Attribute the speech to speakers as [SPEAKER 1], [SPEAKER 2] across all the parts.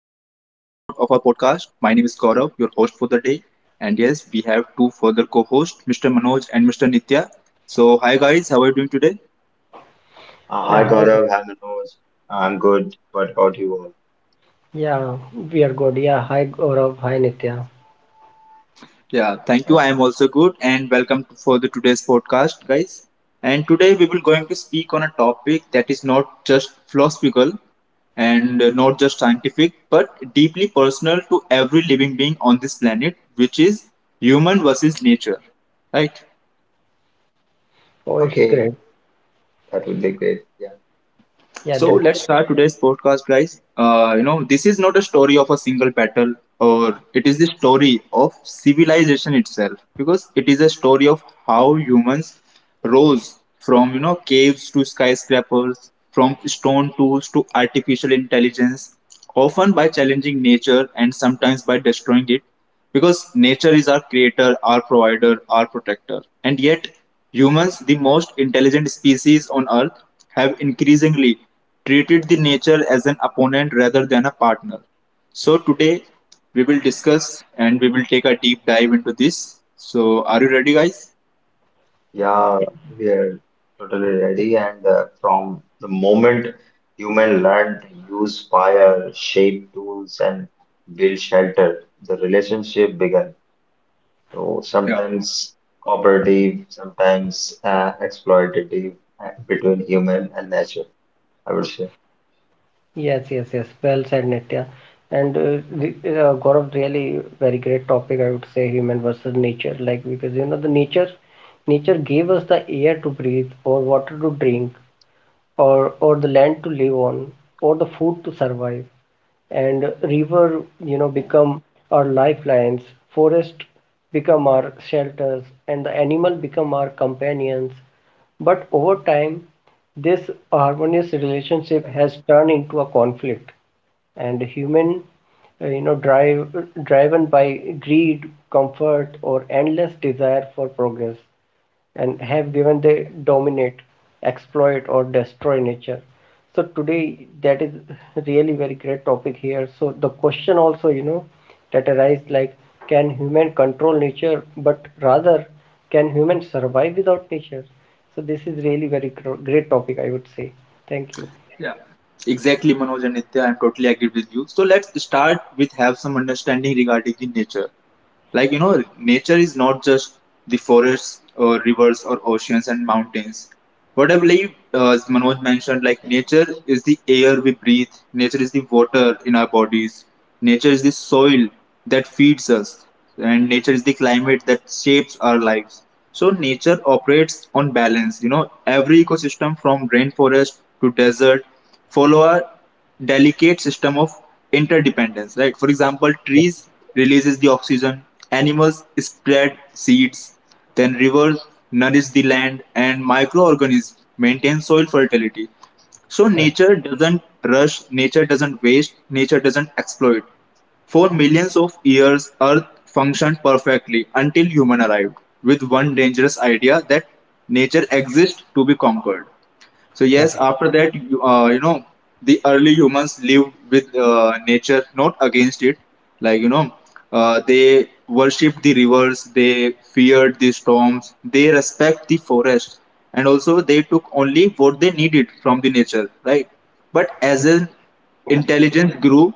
[SPEAKER 1] our podcast. My name is Gaurav, your host for the day. And yes, we have two further co-hosts, Mr. Manoj and Mr. Nitya. So hi guys, how are you doing today?
[SPEAKER 2] Hi
[SPEAKER 3] Yeah, hi.
[SPEAKER 2] Gaurav,
[SPEAKER 3] Gaurav.
[SPEAKER 2] hi Manoj. I'm good. What about you all?
[SPEAKER 3] Yeah, we are good. Yeah, hi Gaurav. Hi Nitya.
[SPEAKER 1] Yeah, thank you.
[SPEAKER 2] Like,
[SPEAKER 1] I am also good and welcome for the today's podcast, guys. And today we will going to speak on a topic that is not just philosophical and not just scientific, but deeply personal to every living being on this planet, which is human versus nature, right?
[SPEAKER 3] Oh, it's
[SPEAKER 2] okay,
[SPEAKER 3] great.
[SPEAKER 2] that would be great. Yeah,
[SPEAKER 3] Yeah,
[SPEAKER 1] So
[SPEAKER 3] that.
[SPEAKER 1] let's start today's podcast, guys. This is not a story of a single battle, or it is the story of civilization itself, because it is a story of how humans rose from caves to skyscrapers, from stone tools to artificial intelligence, often by challenging nature and sometimes by destroying it, because nature is our creator, our provider, our protector, and yet humans, the most intelligent species on earth, have increasingly treated the nature as an opponent rather than a partner. So today we will discuss and we will take a deep dive into this. So are you ready, guys?
[SPEAKER 2] yeah, we are totally ready. And from the moment human learned to use fire, shape tools, and build shelter, the relationship began. So sometimes cooperative, sometimes exploitative between human and nature, I would say.
[SPEAKER 3] Yes, yes, yes. Well said, Nitya. And re Gaurav, really very great topic. I would say human versus nature, like because you know the nature gave us the air to breathe or water to drink, or the land to live on or the food to survive and river you know become our lifelines forest become our shelters and the animal become our companions but over time this harmonious relationship has turned into a conflict and human you know driven by greed comfort or endless desire for progress and have given the dominate, exploit or destroy nature. So today that is really very great topic here. So the question also you know that arises like can human control nature but rather can human survive without nature? So this is really very great topic I would say. Thank you.
[SPEAKER 1] Yeah. Exactly, Manoj and Nitya, I'm totally agree with you. So let's start with have some understanding regarding the nature. Like nature is not just the forests or rivers or oceans and mountains. What I believe, as Manoj mentioned, like nature is the air we breathe, nature is the water in our bodies, nature is the soil that feeds us, and nature is the climate that shapes our lives. So nature operates on balance. You know, every ecosystem, from rainforest to desert, follow our delicate system of interdependence, right? For example,
[SPEAKER 3] Yeah,
[SPEAKER 1] trees releases the oxygen, animals spread seeds, then rivers nourish the land and microorganisms maintain soil fertility. So
[SPEAKER 3] correct,
[SPEAKER 1] nature doesn't rush, nature doesn't waste, nature doesn't exploit. For millions of years earth functioned perfectly until human arrived with one dangerous idea, that nature exists to be conquered. So
[SPEAKER 3] correct,
[SPEAKER 1] yes, after that, the early humans lived with nature, not against it. Like they worshipped the rivers, they feared the storms, they respect the forest, and also they took only what they needed from the nature, right? But as
[SPEAKER 3] correct.
[SPEAKER 1] an intelligence grew,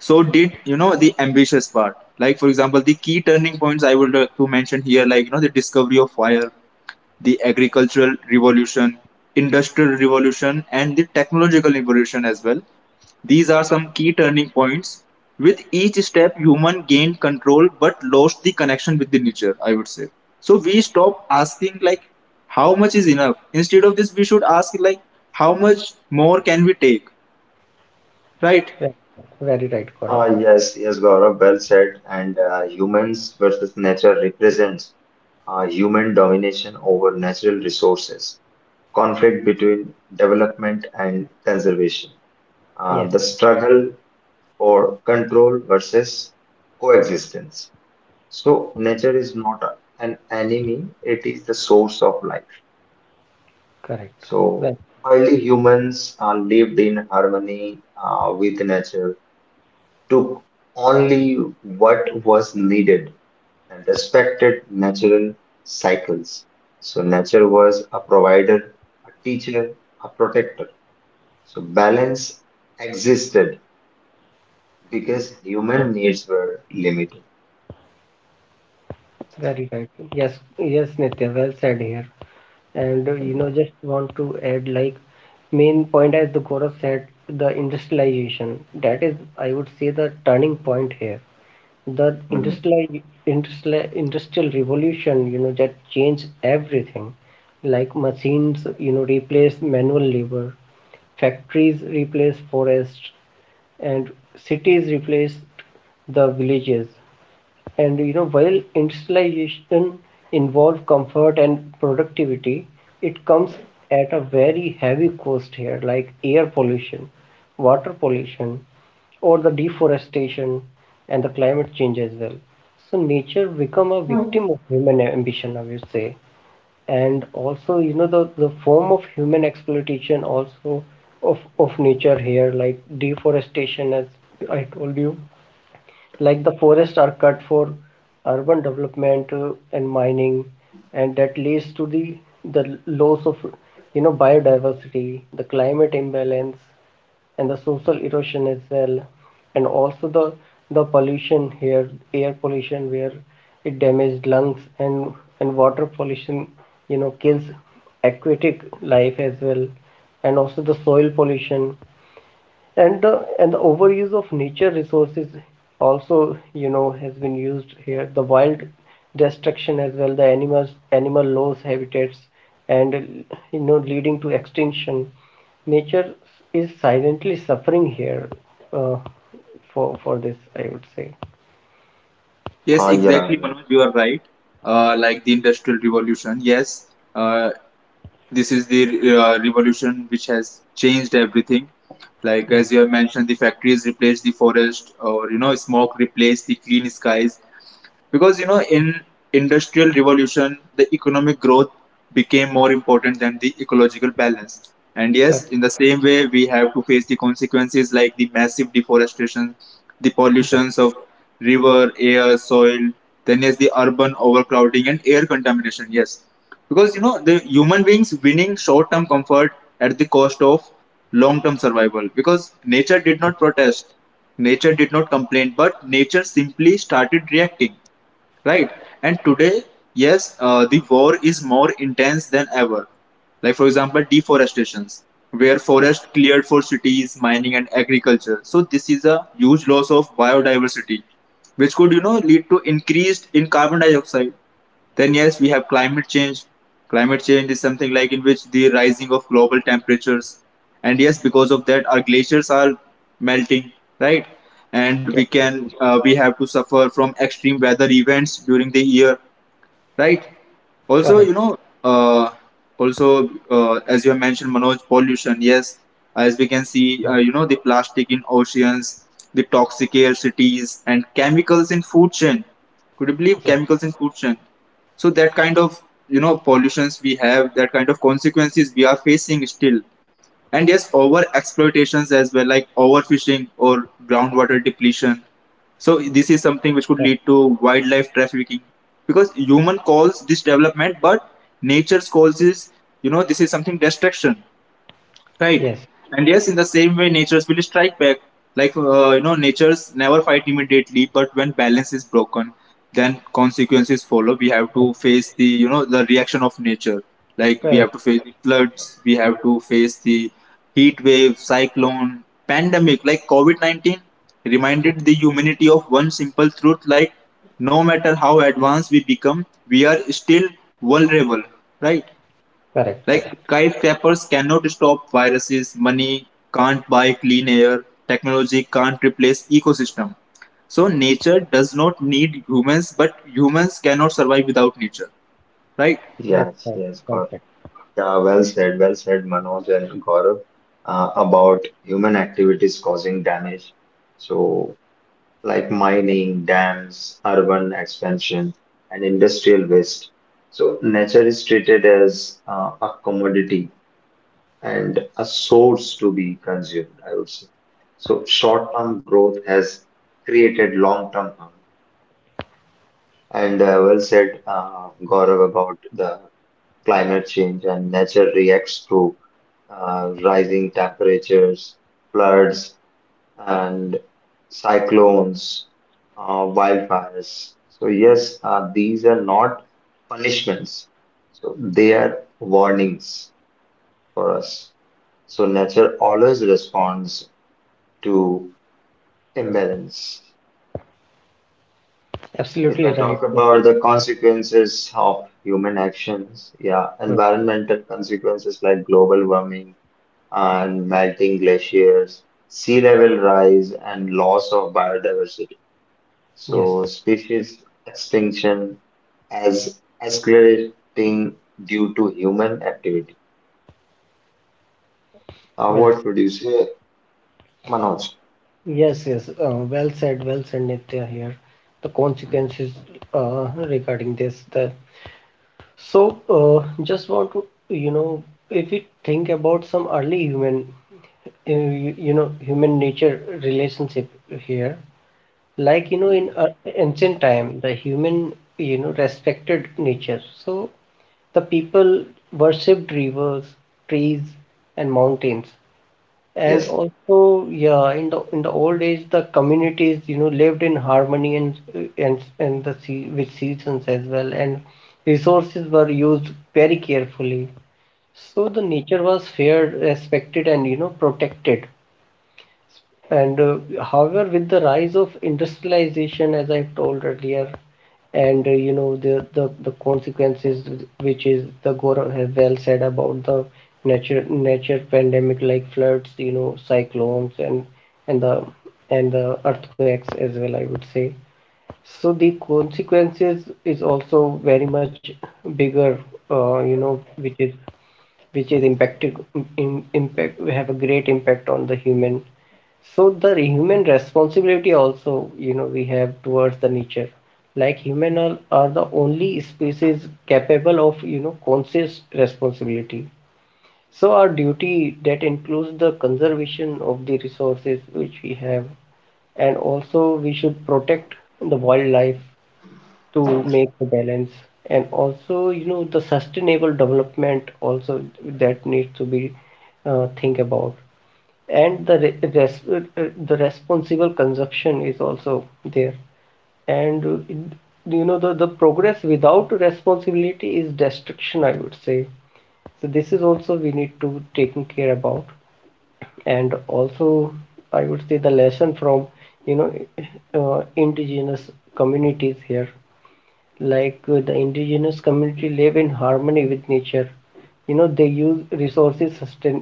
[SPEAKER 1] so did the ambitious part. Like for example, the key turning points I would like to mention here, like the discovery of fire, the agricultural revolution, industrial revolution, and the technological revolution as well. These are some key turning points. With each step, human gained control but lost the connection with the nature, I would say. So we stop asking like how much is enough. Instead of this, we should ask like how much more can we take? Right?
[SPEAKER 3] Very right, Gaurav.
[SPEAKER 2] Yes, yes, Gaurav, well said. And humans versus nature represents human domination over natural resources, conflict between development and conservation,
[SPEAKER 3] Yes,
[SPEAKER 2] the struggle for control versus coexistence. So nature is not a- an enemy, it is the source of life.
[SPEAKER 3] correct. Well,
[SPEAKER 2] So early humans lived in harmony with nature, took only what was needed and respected natural cycles. So nature was a provider, a teacher, a protector. So balance existed because human needs were limited.
[SPEAKER 3] very right. Yes, yes, Nitya, well said here. And You know, just want to add like main point as the Gaurav said, the industrialization. That is, I would say, the turning point here. The
[SPEAKER 2] Mhm.
[SPEAKER 3] industrial revolution, you know, that changed everything. Like machines, you know, replace manual labor, factories replace forests, and cities replaced the villages. And you know, while industrialization involves comfort and productivity, it comes at a very heavy cost here, like air pollution, water pollution, or the deforestation and the climate change as well. So nature become a victim of human ambition, I would say. And also, you know, the form of human exploitation also of nature here, like deforestation, as I told you, like the forests are cut for urban development and mining and that leads to the loss of you know biodiversity the climate imbalance and the social erosion as well and also the pollution here air pollution where it damaged lungs and water pollution you know kills aquatic life as well and also the soil pollution and the overuse of nature resources also you know has been used here the wild destruction as well the animal loss habitats and you know leading to extinction nature is silently suffering here uh, for this I would say.
[SPEAKER 1] Yes,
[SPEAKER 2] Oh yeah,
[SPEAKER 1] exactly,
[SPEAKER 2] yeah,
[SPEAKER 1] Manoj, you are right. Like the industrial revolution, yes. Uh, this is the revolution which has changed everything, like
[SPEAKER 3] Yeah,
[SPEAKER 1] as you have mentioned, the factories replaced the forest, or smoke replaced the clean skies, because in industrial revolution the economic growth became more important than the ecological balance. And
[SPEAKER 3] correct.
[SPEAKER 1] yes, in the same way we have to face the consequences, like the massive deforestation, the pollutions of river, air, soil, then yes, the urban overcrowding and air contamination. Yes, because the human beings winning short term comfort at the cost of long term survival, because nature did not protest, nature did not complain, but nature simply started reacting, right? And today, yes, the war is more intense than ever. Like for example, deforestations, where forest cleared for cities, mining and agriculture, so this is a huge loss of biodiversity, which could lead to increased in carbon dioxide. Then yes, we have climate change. Climate change is something like in which the rising of global temperatures, and yes, because of that, our glaciers are melting, right? And
[SPEAKER 3] Yeah,
[SPEAKER 1] we have to suffer from extreme weather events during the year, right? Also,
[SPEAKER 3] correct.
[SPEAKER 1] uh, also as you have mentioned, Manoj, pollution. Yes, as we can see, the plastic in oceans, the toxic air cities, and chemicals in food chain. Could you believe chemicals in food chain? So that kind of pollutions we have, that kind of consequences we are facing still. And yes, over exploitations as well, like overfishing or groundwater depletion. So this is something which could lead to wildlife trafficking, because human calls this development, but nature's calls is this is something destruction.
[SPEAKER 3] Yes.
[SPEAKER 1] Right. And yes, in the same way, natures will strike back. Like, natures never fight immediately, but when balance is broken, then consequences follow. We have
[SPEAKER 3] Yeah,
[SPEAKER 1] to face the, the reaction of nature. Like, we
[SPEAKER 3] correct.
[SPEAKER 1] have to face the floods, we have to face the heat wave, cyclone, pandemic. Like, COVID COVID-19
[SPEAKER 3] Yeah,
[SPEAKER 1] reminded the humanity of one simple truth like, no matter how advanced we become, we are still vulnerable, right?
[SPEAKER 3] correct, correct.
[SPEAKER 1] Like skyscrapers cannot stop viruses, money can't buy clean air, technology can't replace ecosystem. So nature does not need humans, but humans cannot survive without nature. Right?
[SPEAKER 3] Well said,
[SPEAKER 2] yes,
[SPEAKER 3] well
[SPEAKER 2] yes,
[SPEAKER 3] said.
[SPEAKER 2] God. Yeah, well said, Manoj and Gaurav, about human activities causing damage. So like mining, dams, urban expansion, and industrial waste. So nature is treated as a commodity and a source to be consumed, I would say. So short term growth has created long term harm. And well said, Gaurav, about the climate change, and nature reacts through rising temperatures, floods, and cyclones, wildfires. So yes, these are not punishments. So they are warnings for us. So nature always responds to imbalance.
[SPEAKER 3] Absolutely
[SPEAKER 2] If I
[SPEAKER 3] right. Yeah.
[SPEAKER 2] talk about the consequences of human actions, yeah,
[SPEAKER 3] Hmm.
[SPEAKER 2] environmental consequences like global warming and melting glaciers, sea level rise, and loss of biodiversity.
[SPEAKER 3] Yes.
[SPEAKER 2] So species extinction as escalating due to human activity.
[SPEAKER 3] Well
[SPEAKER 2] What
[SPEAKER 3] said.
[SPEAKER 2] would you say, Manoj?
[SPEAKER 3] Yes, yes. Well said, well said, Nitya here. The consequences regarding this, that. So, just want to, you know, if we think about some early human, you know, human nature relationship here, like, you know, in
[SPEAKER 2] Mhm.
[SPEAKER 3] uh, ancient time, the human, you know, respected nature. So, the people worshipped rivers, trees, and mountains. And
[SPEAKER 2] Yes,
[SPEAKER 3] also, yeah, in the old age, the communities, you know, lived in harmony and the sea with seasons as well, and resources were used very carefully. So the nature was feared, respected, and you know, protected. And However, with the rise of industrialization, as I've told earlier, and you know the consequences which is the Gaurav has well said about the nature pandemic like floods, you know, cyclones and and the and the earthquakes as well, I would say. So the consequences is also very much bigger, you know, which is impacted in, impact we have a great impact on the human so the human responsibility also you know we have towards the nature like human are the only species capable of you know conscious responsibility so our duty that includes the conservation of the resources which we have and also we should protect the wildlife to make the balance and also you know the sustainable development also that needs to be think about and the the responsible consumption is also there and uh, in- you know the progress without responsibility is destruction I would say so this is also we need to taking care about and also I would say the lesson from you know indigenous communities here like the indigenous community live in harmony with nature you know they use resources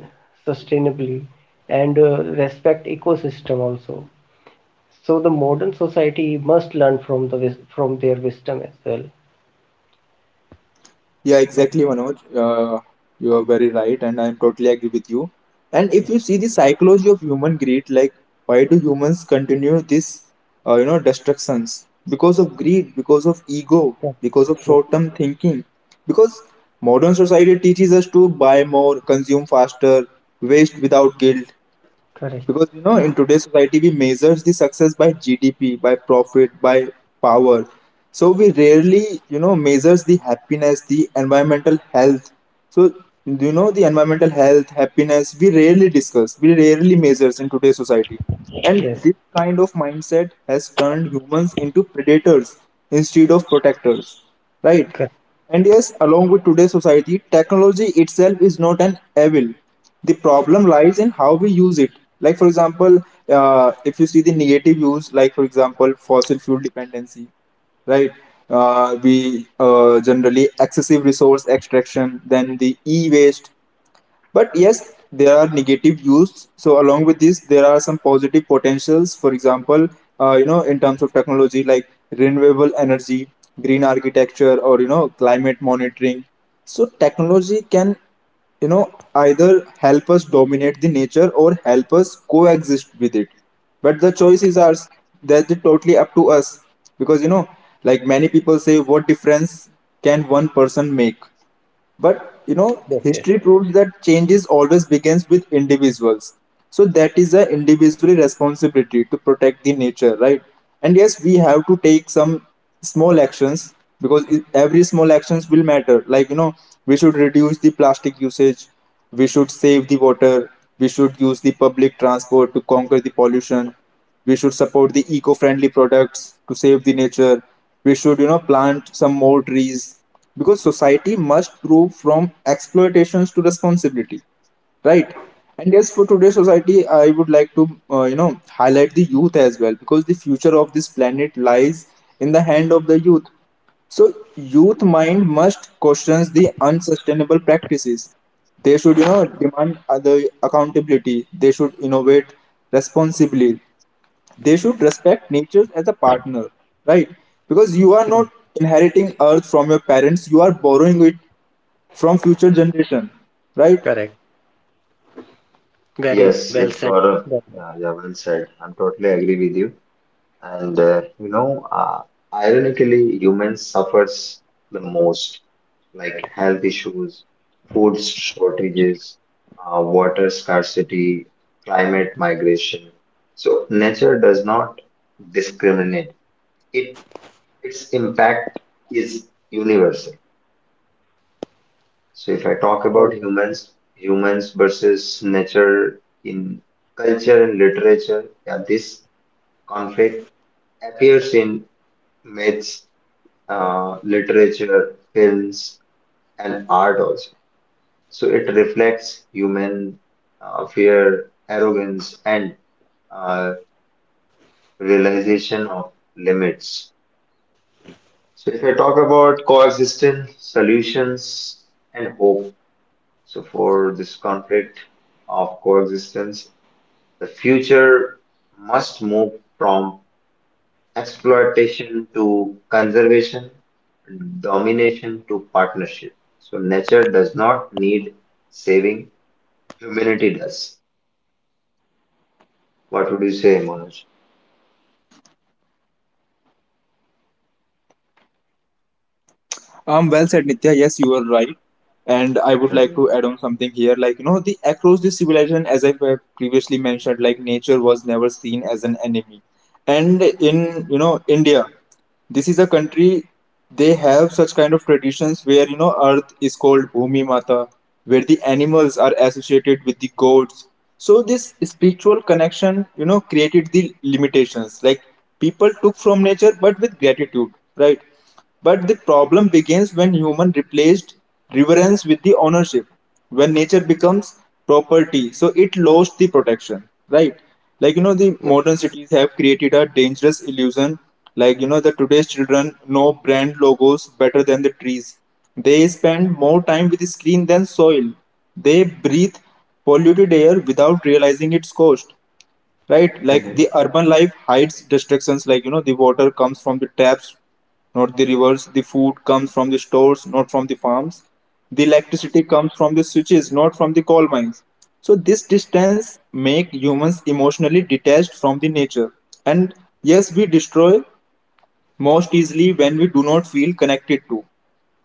[SPEAKER 3] sustainably and respect ecosystem also so the modern society must learn from the from their wisdom as well
[SPEAKER 1] Yeah,
[SPEAKER 3] so
[SPEAKER 1] exactly, Manoj. You are very right, and I'm totally agree with you. And if
[SPEAKER 3] yeah
[SPEAKER 1] you see the psychology of human greed, like why do humans continue this, destructions? Because of greed, because of ego,
[SPEAKER 3] yeah,
[SPEAKER 1] because of
[SPEAKER 3] yeah
[SPEAKER 1] short-term thinking. Because modern society teaches us to buy more, consume faster, waste without guilt,
[SPEAKER 3] correct
[SPEAKER 1] because in today's society we measures the success by gdp, by profit, by power. So we rarely measures the happiness, the environmental health. So the environmental health happiness we rarely discuss, we rarely measures in today's society. And
[SPEAKER 3] yes
[SPEAKER 1] this kind of mindset has turned humans into predators instead of protectors, right?
[SPEAKER 3] correct
[SPEAKER 1] And yes, along with today's society, technology itself is not an evil. The problem lies in how we use it. Like for example, if you see the negative use, like for example, fossil fuel dependency, right? We generally excessive resource extraction, then the e-waste. But yes, there are negative use. So along with this, there are some positive potentials. For example, in terms of technology, like renewable energy, green architecture, or climate monitoring. So technology can either help us dominate the nature or help us coexist with it. But the choice is ours, that's totally up to us. Because like many people say, what difference can one person make? But
[SPEAKER 3] yes yes
[SPEAKER 1] history proves that changes always begins with individuals. So that is a individual responsibility to protect the nature, right? And yes, we have to take some small actions, because every small actions will matter. Like we should reduce the plastic usage, we should save the water, we should use the public transport to conquer the pollution, we should support the eco-friendly products to save the nature, we should plant some more trees, because society must prove from exploitations to responsibility, right? And yes, for today's society, I would like to uh, you know highlight the youth as well, because the future of this planet lies in the hand of the youth. So youth mind must question the unsustainable practices. They should, demand other accountability. They should innovate responsibly, they should respect nature as a partner, right? Because you are not inheriting earth from your parents, you are borrowing it from future generation, right?
[SPEAKER 3] correct very well
[SPEAKER 2] yes,
[SPEAKER 3] said
[SPEAKER 2] yes,
[SPEAKER 3] very
[SPEAKER 2] Gaurav. Yeah, yeah, well said. I'm totally agree with you. And ironically, humans suffers the most, like health issues, food shortages, water scarcity, climate migration. So nature does not discriminate, it its impact is universal. So if I talk
[SPEAKER 3] well.
[SPEAKER 2] about humans, humans versus nature in culture and literature, yeah, this conflict appears in myths, literature, films, and art also. So it reflects human fear, arrogance, and uh, realization of limits. So if I talk about coexistence, solutions, and hope, so for this conflict of coexistence, the future must move from exploitation to conservation, domination to partnership. So nature does not need saving, humanity does. What would you say, Manoj?
[SPEAKER 1] Well said, Nitya. Yes, you are right. And I would like
[SPEAKER 2] Hmm.
[SPEAKER 1] to add on something here. Like, the across the civilization, as I have previously mentioned, like nature was never seen as an enemy. And in, India, this is a country they have such kind of traditions where, earth is called Bhumi Mata, where the animals are associated with the gods. So this spiritual connection, created the limitations. Like people took from nature, but with gratitude, right? But the problem begins when human replaced reverence with the ownership. When nature becomes property, so it lost the protection, right? Like the
[SPEAKER 2] Yes.
[SPEAKER 1] modern cities have created a dangerous illusion. Like the today's children know brand logos better than the trees. They spend more time with the screen than soil. They breathe polluted air without realizing its cost, right? Like
[SPEAKER 2] Hmm.
[SPEAKER 1] the urban life hides distractions. Like the water comes from the taps, not the rivers. The food comes from the stores, not from the farms. The electricity comes from the switches, not from the coal mines. So this distance make humans emotionally detached from the nature. And yes, we destroy most easily when we do not feel connected to,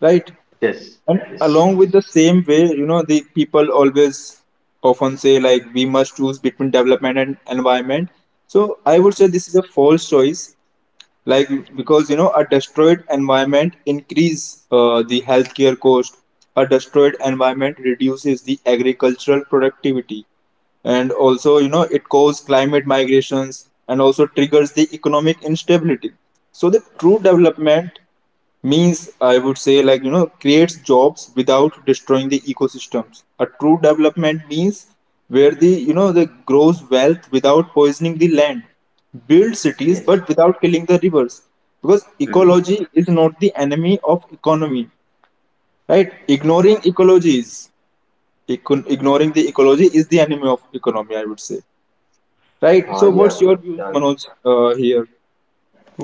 [SPEAKER 1] right?
[SPEAKER 2] Yes.
[SPEAKER 1] And
[SPEAKER 2] Yes.
[SPEAKER 1] along with the same way, the people always often say like we must choose between development and environment. So I would say this is a false choice, like because a destroyed environment increase the healthcare cost. A destroyed environment reduces the agricultural productivity, and also it causes climate migrations and also triggers the economic instability. So the true development means, I would say, like creates jobs without destroying the ecosystems. A true development means where the, the grows wealth without poisoning the land, build cities
[SPEAKER 2] Yes.
[SPEAKER 1] but without killing the rivers. Because
[SPEAKER 2] Mm-hmm.
[SPEAKER 1] ecology is not the enemy of economy, right? Ignoring ecology is, ignoring the ecology is the enemy of economy, I would say. Right. So,
[SPEAKER 2] Yeah,
[SPEAKER 1] what's
[SPEAKER 2] yeah,
[SPEAKER 1] your views,
[SPEAKER 2] yeah,
[SPEAKER 1] Manoj, here?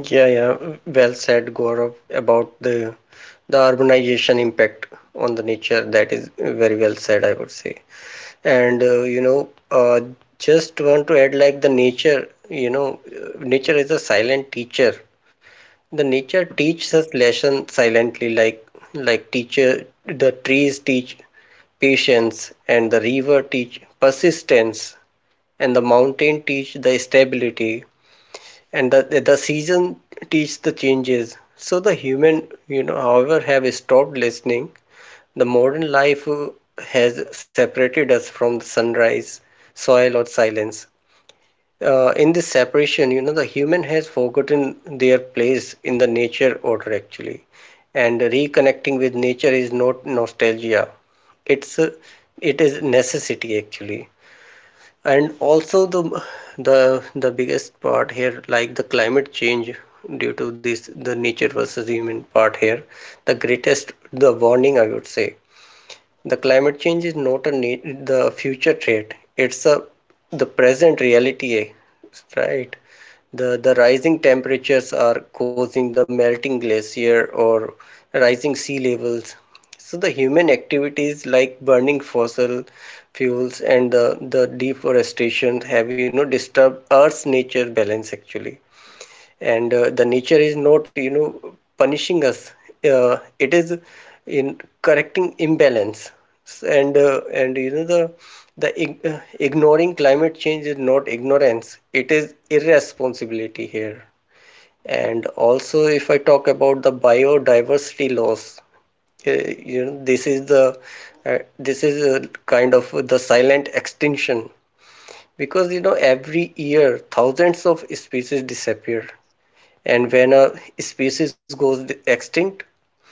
[SPEAKER 3] Yeah, yeah. Well said, Gaurav, about the urbanization impact on the nature. That is very well said, I would say. And uh, you know, uh, just want to add like the nature. You know, nature is a silent teacher. The nature teaches us lesson silently, like teacher. The trees teach patience, and the river teach persistence, and the mountain teach the stability, and the season teach the changes. So the human, you know, however, have stopped listening. The modern life has separated us from the sunrise, soil, or silence. In this separation, you know, the human has forgotten their place in the nature order actually, and reconnecting with nature is not nostalgia. It's uh, it is necessity actually and also the biggest part here like the climate change due to this the nature versus human part here the greatest the warning I would say the climate change is not a need, the future threat. It's a The present reality, eh, right? The rising temperatures are causing the melting glacier or rising sea levels. So the human activities like burning fossil fuels and the deforestation have you know disturbed Earth's nature balance actually and the nature is not you know punishing us, it is in correcting imbalance and you know the ignoring climate change is not ignorance it is irresponsibility here and also if I talk about the biodiversity loss, you know this is the this is a kind of the silent extinction because you know every year thousands of species disappear and when a species goes extinct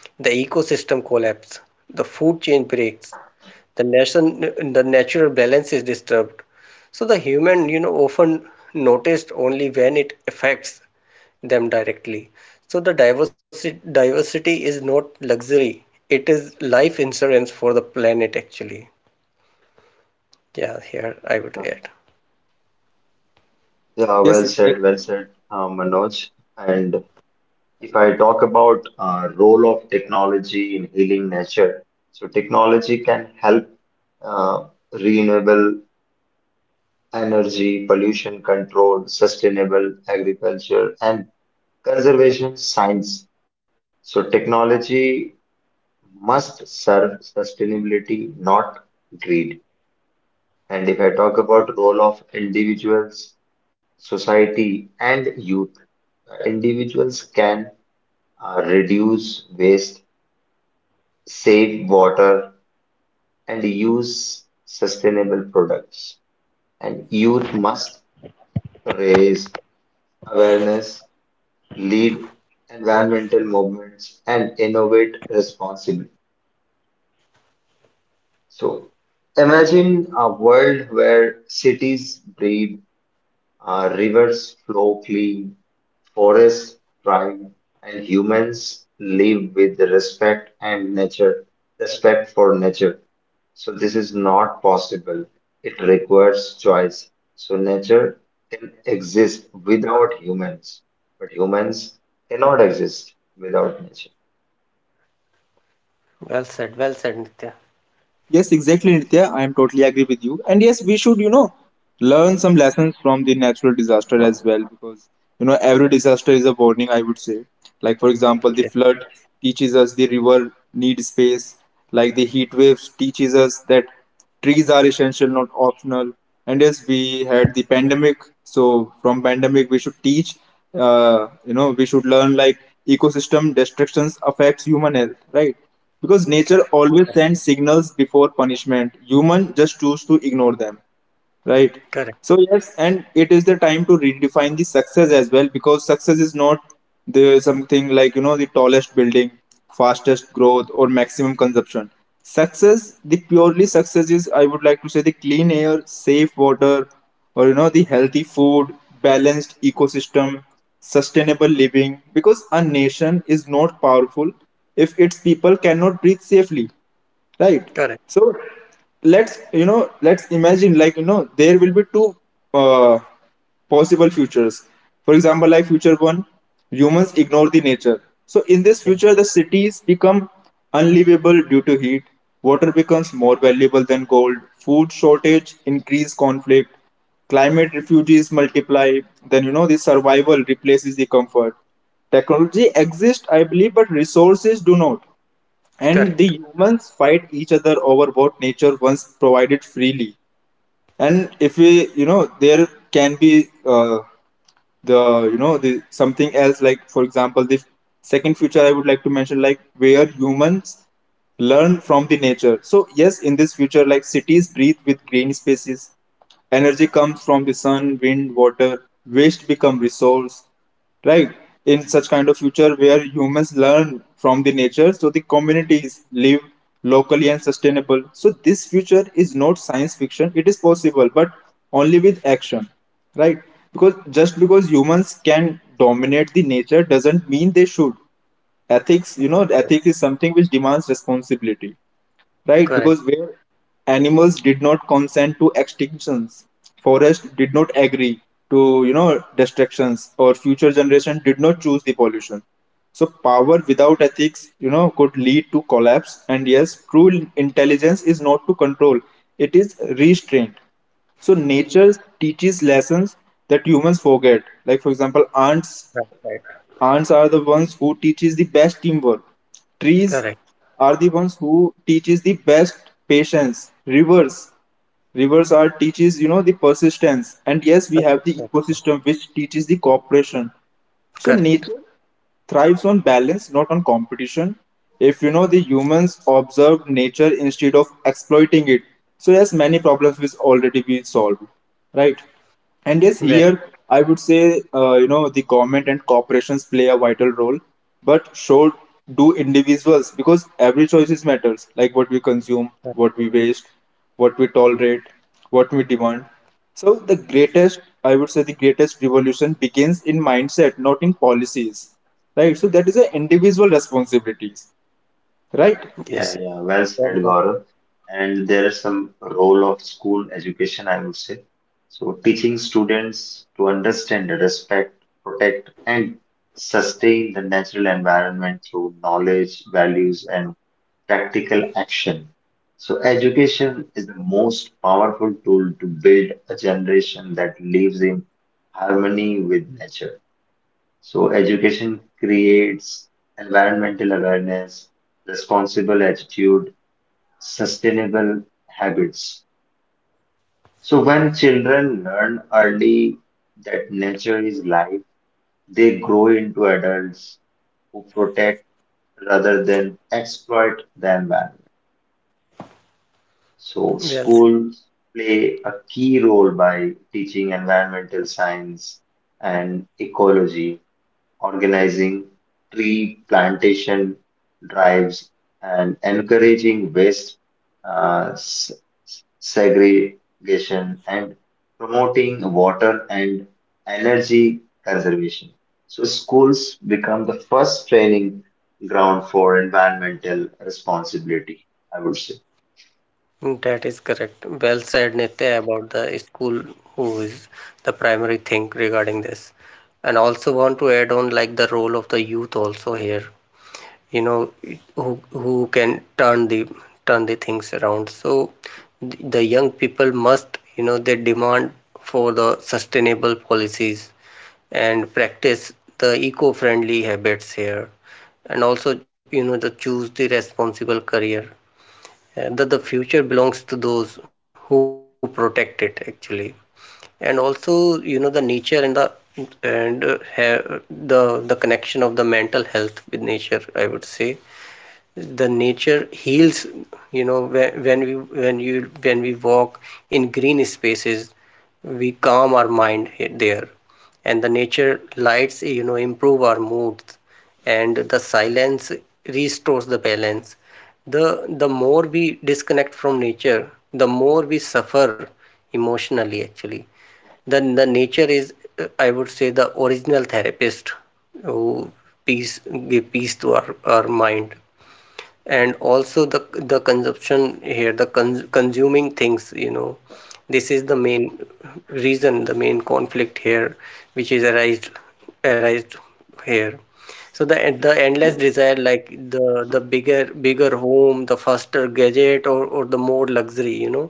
[SPEAKER 3] the ecosystem collapses the food chain breaks the natural balance is disturbed so the human you know often noticed only when it affects them directly so the diversity is not luxury it is life insurance for the planet actually. Yeah, here I would
[SPEAKER 2] yeah.
[SPEAKER 3] add.
[SPEAKER 2] yeah, well
[SPEAKER 1] Yes,
[SPEAKER 2] said,
[SPEAKER 1] exactly,
[SPEAKER 2] well
[SPEAKER 1] Manoj.
[SPEAKER 2] said, Manoj. And. If I talk about role of technology in healing nature, so technology can help uh, renewable energy, pollution control, sustainable agriculture, and conservation science. So technology must serve sustainability, not greed. And if I talk about role of individuals, society, and youth, individuals can reduce waste, save water and use sustainable products. And youth must raise awareness, lead environmental movements, and innovate responsibly. So imagine a world where cities breathe, rivers flow clean, forests thrive, and humans live with respect and nature, respect for nature. So this is not possible. It requires choice. So nature can exist without humans, but humans cannot exist without nature.
[SPEAKER 3] Well said, Nitya.
[SPEAKER 1] Yes, exactly, Nitya. I am totally agree with you. And yes, we should, learn some lessons from the natural disaster as well, because, every disaster is a warning, I would say. Like, for example, the
[SPEAKER 3] Yeah,
[SPEAKER 1] flood teaches us the river need space. Like the heat waves teaches us that trees are essential, not optional. And yes, we had the pandemic. So from pandemic we should teach, we should learn like ecosystem destructions affects human health, right? Because nature
[SPEAKER 3] correct,
[SPEAKER 1] always sends signals before punishment. Human just choose to ignore them. Right.
[SPEAKER 3] correct,
[SPEAKER 1] So yes, and it is the time to redefine the success as well, because success is not the something like the tallest building, fastest growth, or maximum consumption. Success, the purely success is, I would like to say, the clean air, safe water, or the healthy food, balanced ecosystem, sustainable living. Because a nation is not powerful if its people cannot breathe safely, right?
[SPEAKER 3] correct,
[SPEAKER 1] So let's, let's imagine, like there will be two uh, possible futures. For example, like future one, humans ignore the nature. So in this future the cities become unlivable due to heat, water becomes more valuable than gold, food shortage increase conflict, climate refugees multiply. Then the survival replaces the comfort. Technology exists, I believe, but resources do not. And the
[SPEAKER 3] correct,
[SPEAKER 1] humans fight each other over what nature once provided freely. And if we, there can be the, the something else, like for example, the second future I would like to mention, like where humans learn from the nature. So yes, in this future, like cities breathe with green spaces, energy comes from the sun, wind, water, waste become resource, right? In such kind of future where humans learn from the nature, so the communities live locally and sustainable. So this future is not science fiction, it is possible, but only with action, right? Because just because humans can dominate the nature doesn't mean they should. Ethics, ethics is something which demands responsibility, right? Because
[SPEAKER 3] correct,
[SPEAKER 1] where animals did not consent to extinctions, forest did not agree to, destructions, or future generation did not choose the pollution. So power without ethics, could lead to collapse. And yes, true intelligence is not to control; it is restraint. So nature teaches lessons that humans forget. Like for example, ants.
[SPEAKER 3] right, right,
[SPEAKER 1] Ants are the ones who teaches the best teamwork. Trees
[SPEAKER 3] correct.
[SPEAKER 1] are the ones who teaches the best patience. Rivers, rivers are teaches the persistence. And yes, we have the ecosystem which teaches the cooperation. So
[SPEAKER 3] Correct.
[SPEAKER 1] nature thrives on balance, not on competition. If the humans observe nature instead of exploiting it, so yes, many problems will already be solved, right? And yes,
[SPEAKER 3] Very.
[SPEAKER 1] here I would say, the government and corporations play a vital role, but so do individuals, because every choices matters, like what we consume, what we waste, what we tolerate, what we demand. So the greatest, I would say, the greatest revolution begins in mindset, not in policies, right? So that is an individual responsibilities, right?
[SPEAKER 3] Yes, yes.
[SPEAKER 2] Yeah, yeah, well
[SPEAKER 3] Well,
[SPEAKER 2] said,
[SPEAKER 3] well,
[SPEAKER 2] Gaurav. And there is some role of school education, I would say. So teaching students to understand, respect, protect, and sustain the natural environment through knowledge, values, and practical action. So education is the most powerful tool to build a generation that lives in harmony with nature. So education creates environmental awareness, responsible attitude, sustainable habits. So when children learn early that nature is life, they grow into adults who protect rather than exploit the environment. So
[SPEAKER 3] well said.
[SPEAKER 2] schools play a key role by teaching environmental science and ecology, organizing tree plantation drives, and encouraging waste uh, s- segregation and promoting water and energy conservation. So schools become the first training ground for environmental responsibility, I would say.
[SPEAKER 3] That is correct. Well said, Nitya, about the school who is the primary thing regarding this. And also want to add on like the role of the youth also here. You know, who can turn the things around. So the young people must, you know, they demand for the sustainable policies and practice the eco-friendly habits here and also you know the choose the responsible career and that the future belongs to those who protect it actually and also you know the nature and and uh, the connection of the mental health with nature I would say the nature heals you know when we when you when we walk in green spaces we calm our mind there and the nature lights you know improve our moods and the silence restores the balance the more we disconnect from nature the more we suffer emotionally actually then the nature is I would say the original therapist who peace give peace to our mind and also the consumption here the consuming things you know this is the main reason the main conflict here which is arised here so the endless desire like the bigger home the faster gadget or the more luxury you know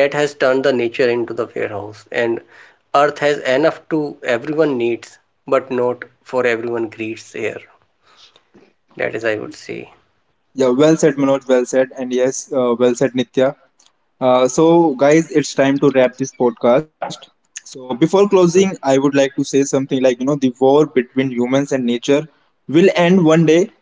[SPEAKER 3] that has turned the nature into the warehouse and earth has enough to everyone needs but not for everyone greeds here that is I would say.
[SPEAKER 1] Yeah, well said, Manoj. Well said, and yes, well said, Nitya. So, guys, it's time to wrap this podcast. So, before closing,
[SPEAKER 3] Hmm.
[SPEAKER 1] I would like to say something like the war between humans and nature will end one day.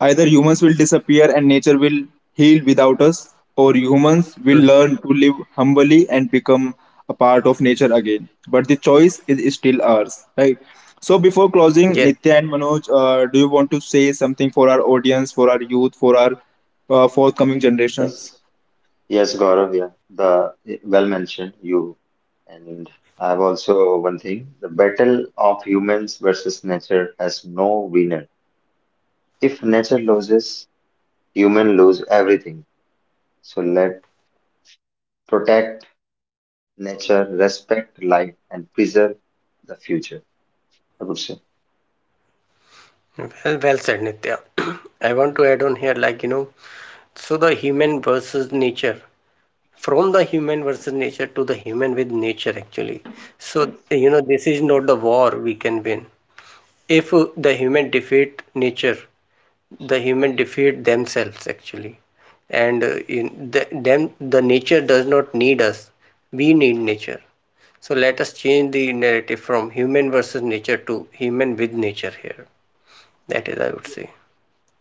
[SPEAKER 1] Either humans will disappear and nature will heal without us, or humans will
[SPEAKER 3] Hmm.
[SPEAKER 1] learn to live humbly and become a part of nature again. But the choice is still ours, right? So, before closing,
[SPEAKER 3] Yes.
[SPEAKER 1] Nitya and Manoj, do you want to say something for our audience, for our youth, for our forthcoming generations?
[SPEAKER 2] Yes. Yes, Gaurav, yeah, the well mentioned you, and I have also one thing. The battle of humans versus nature has no winner. If nature loses, human lose everything. So let protect nature, respect life, and preserve the future, I would say.
[SPEAKER 3] Well, well said, Nitya. I want to add on here, like, you know, so the human versus nature, from the human versus nature to the human with nature, actually. So, you know, this is not the war we can win. If the human defeat nature, the human defeat themselves, actually. And In the, them, the nature does not need us. We need nature. So let us change the narrative from human versus nature to human with nature here. That is, I would say.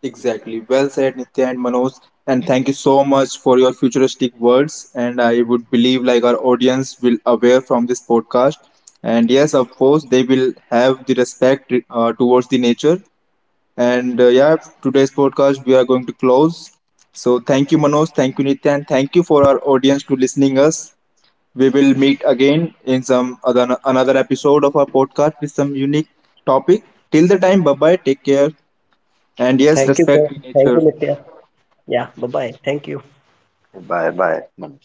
[SPEAKER 1] Exactly. Well said, Nitya and Manoj. And thank you so much for your futuristic words. And I would believe like our audience will aware from this podcast. And yes, of course, they will have the respect towards the nature. And uh, yeah, today's podcast we are going to close. So thank you, Manoj. Thank you, Nitya, and thank you for our audience to listening us. We will meet again in some other another episode of our podcast with some unique topic. Till the time, bye bye. Take care, and
[SPEAKER 3] Thank
[SPEAKER 1] yes,
[SPEAKER 3] you, sir.
[SPEAKER 1] respect
[SPEAKER 3] Thank you,
[SPEAKER 1] nature.
[SPEAKER 3] Nitya. Yeah, bye-bye. Thank you.
[SPEAKER 2] Bye, bye, Manoj.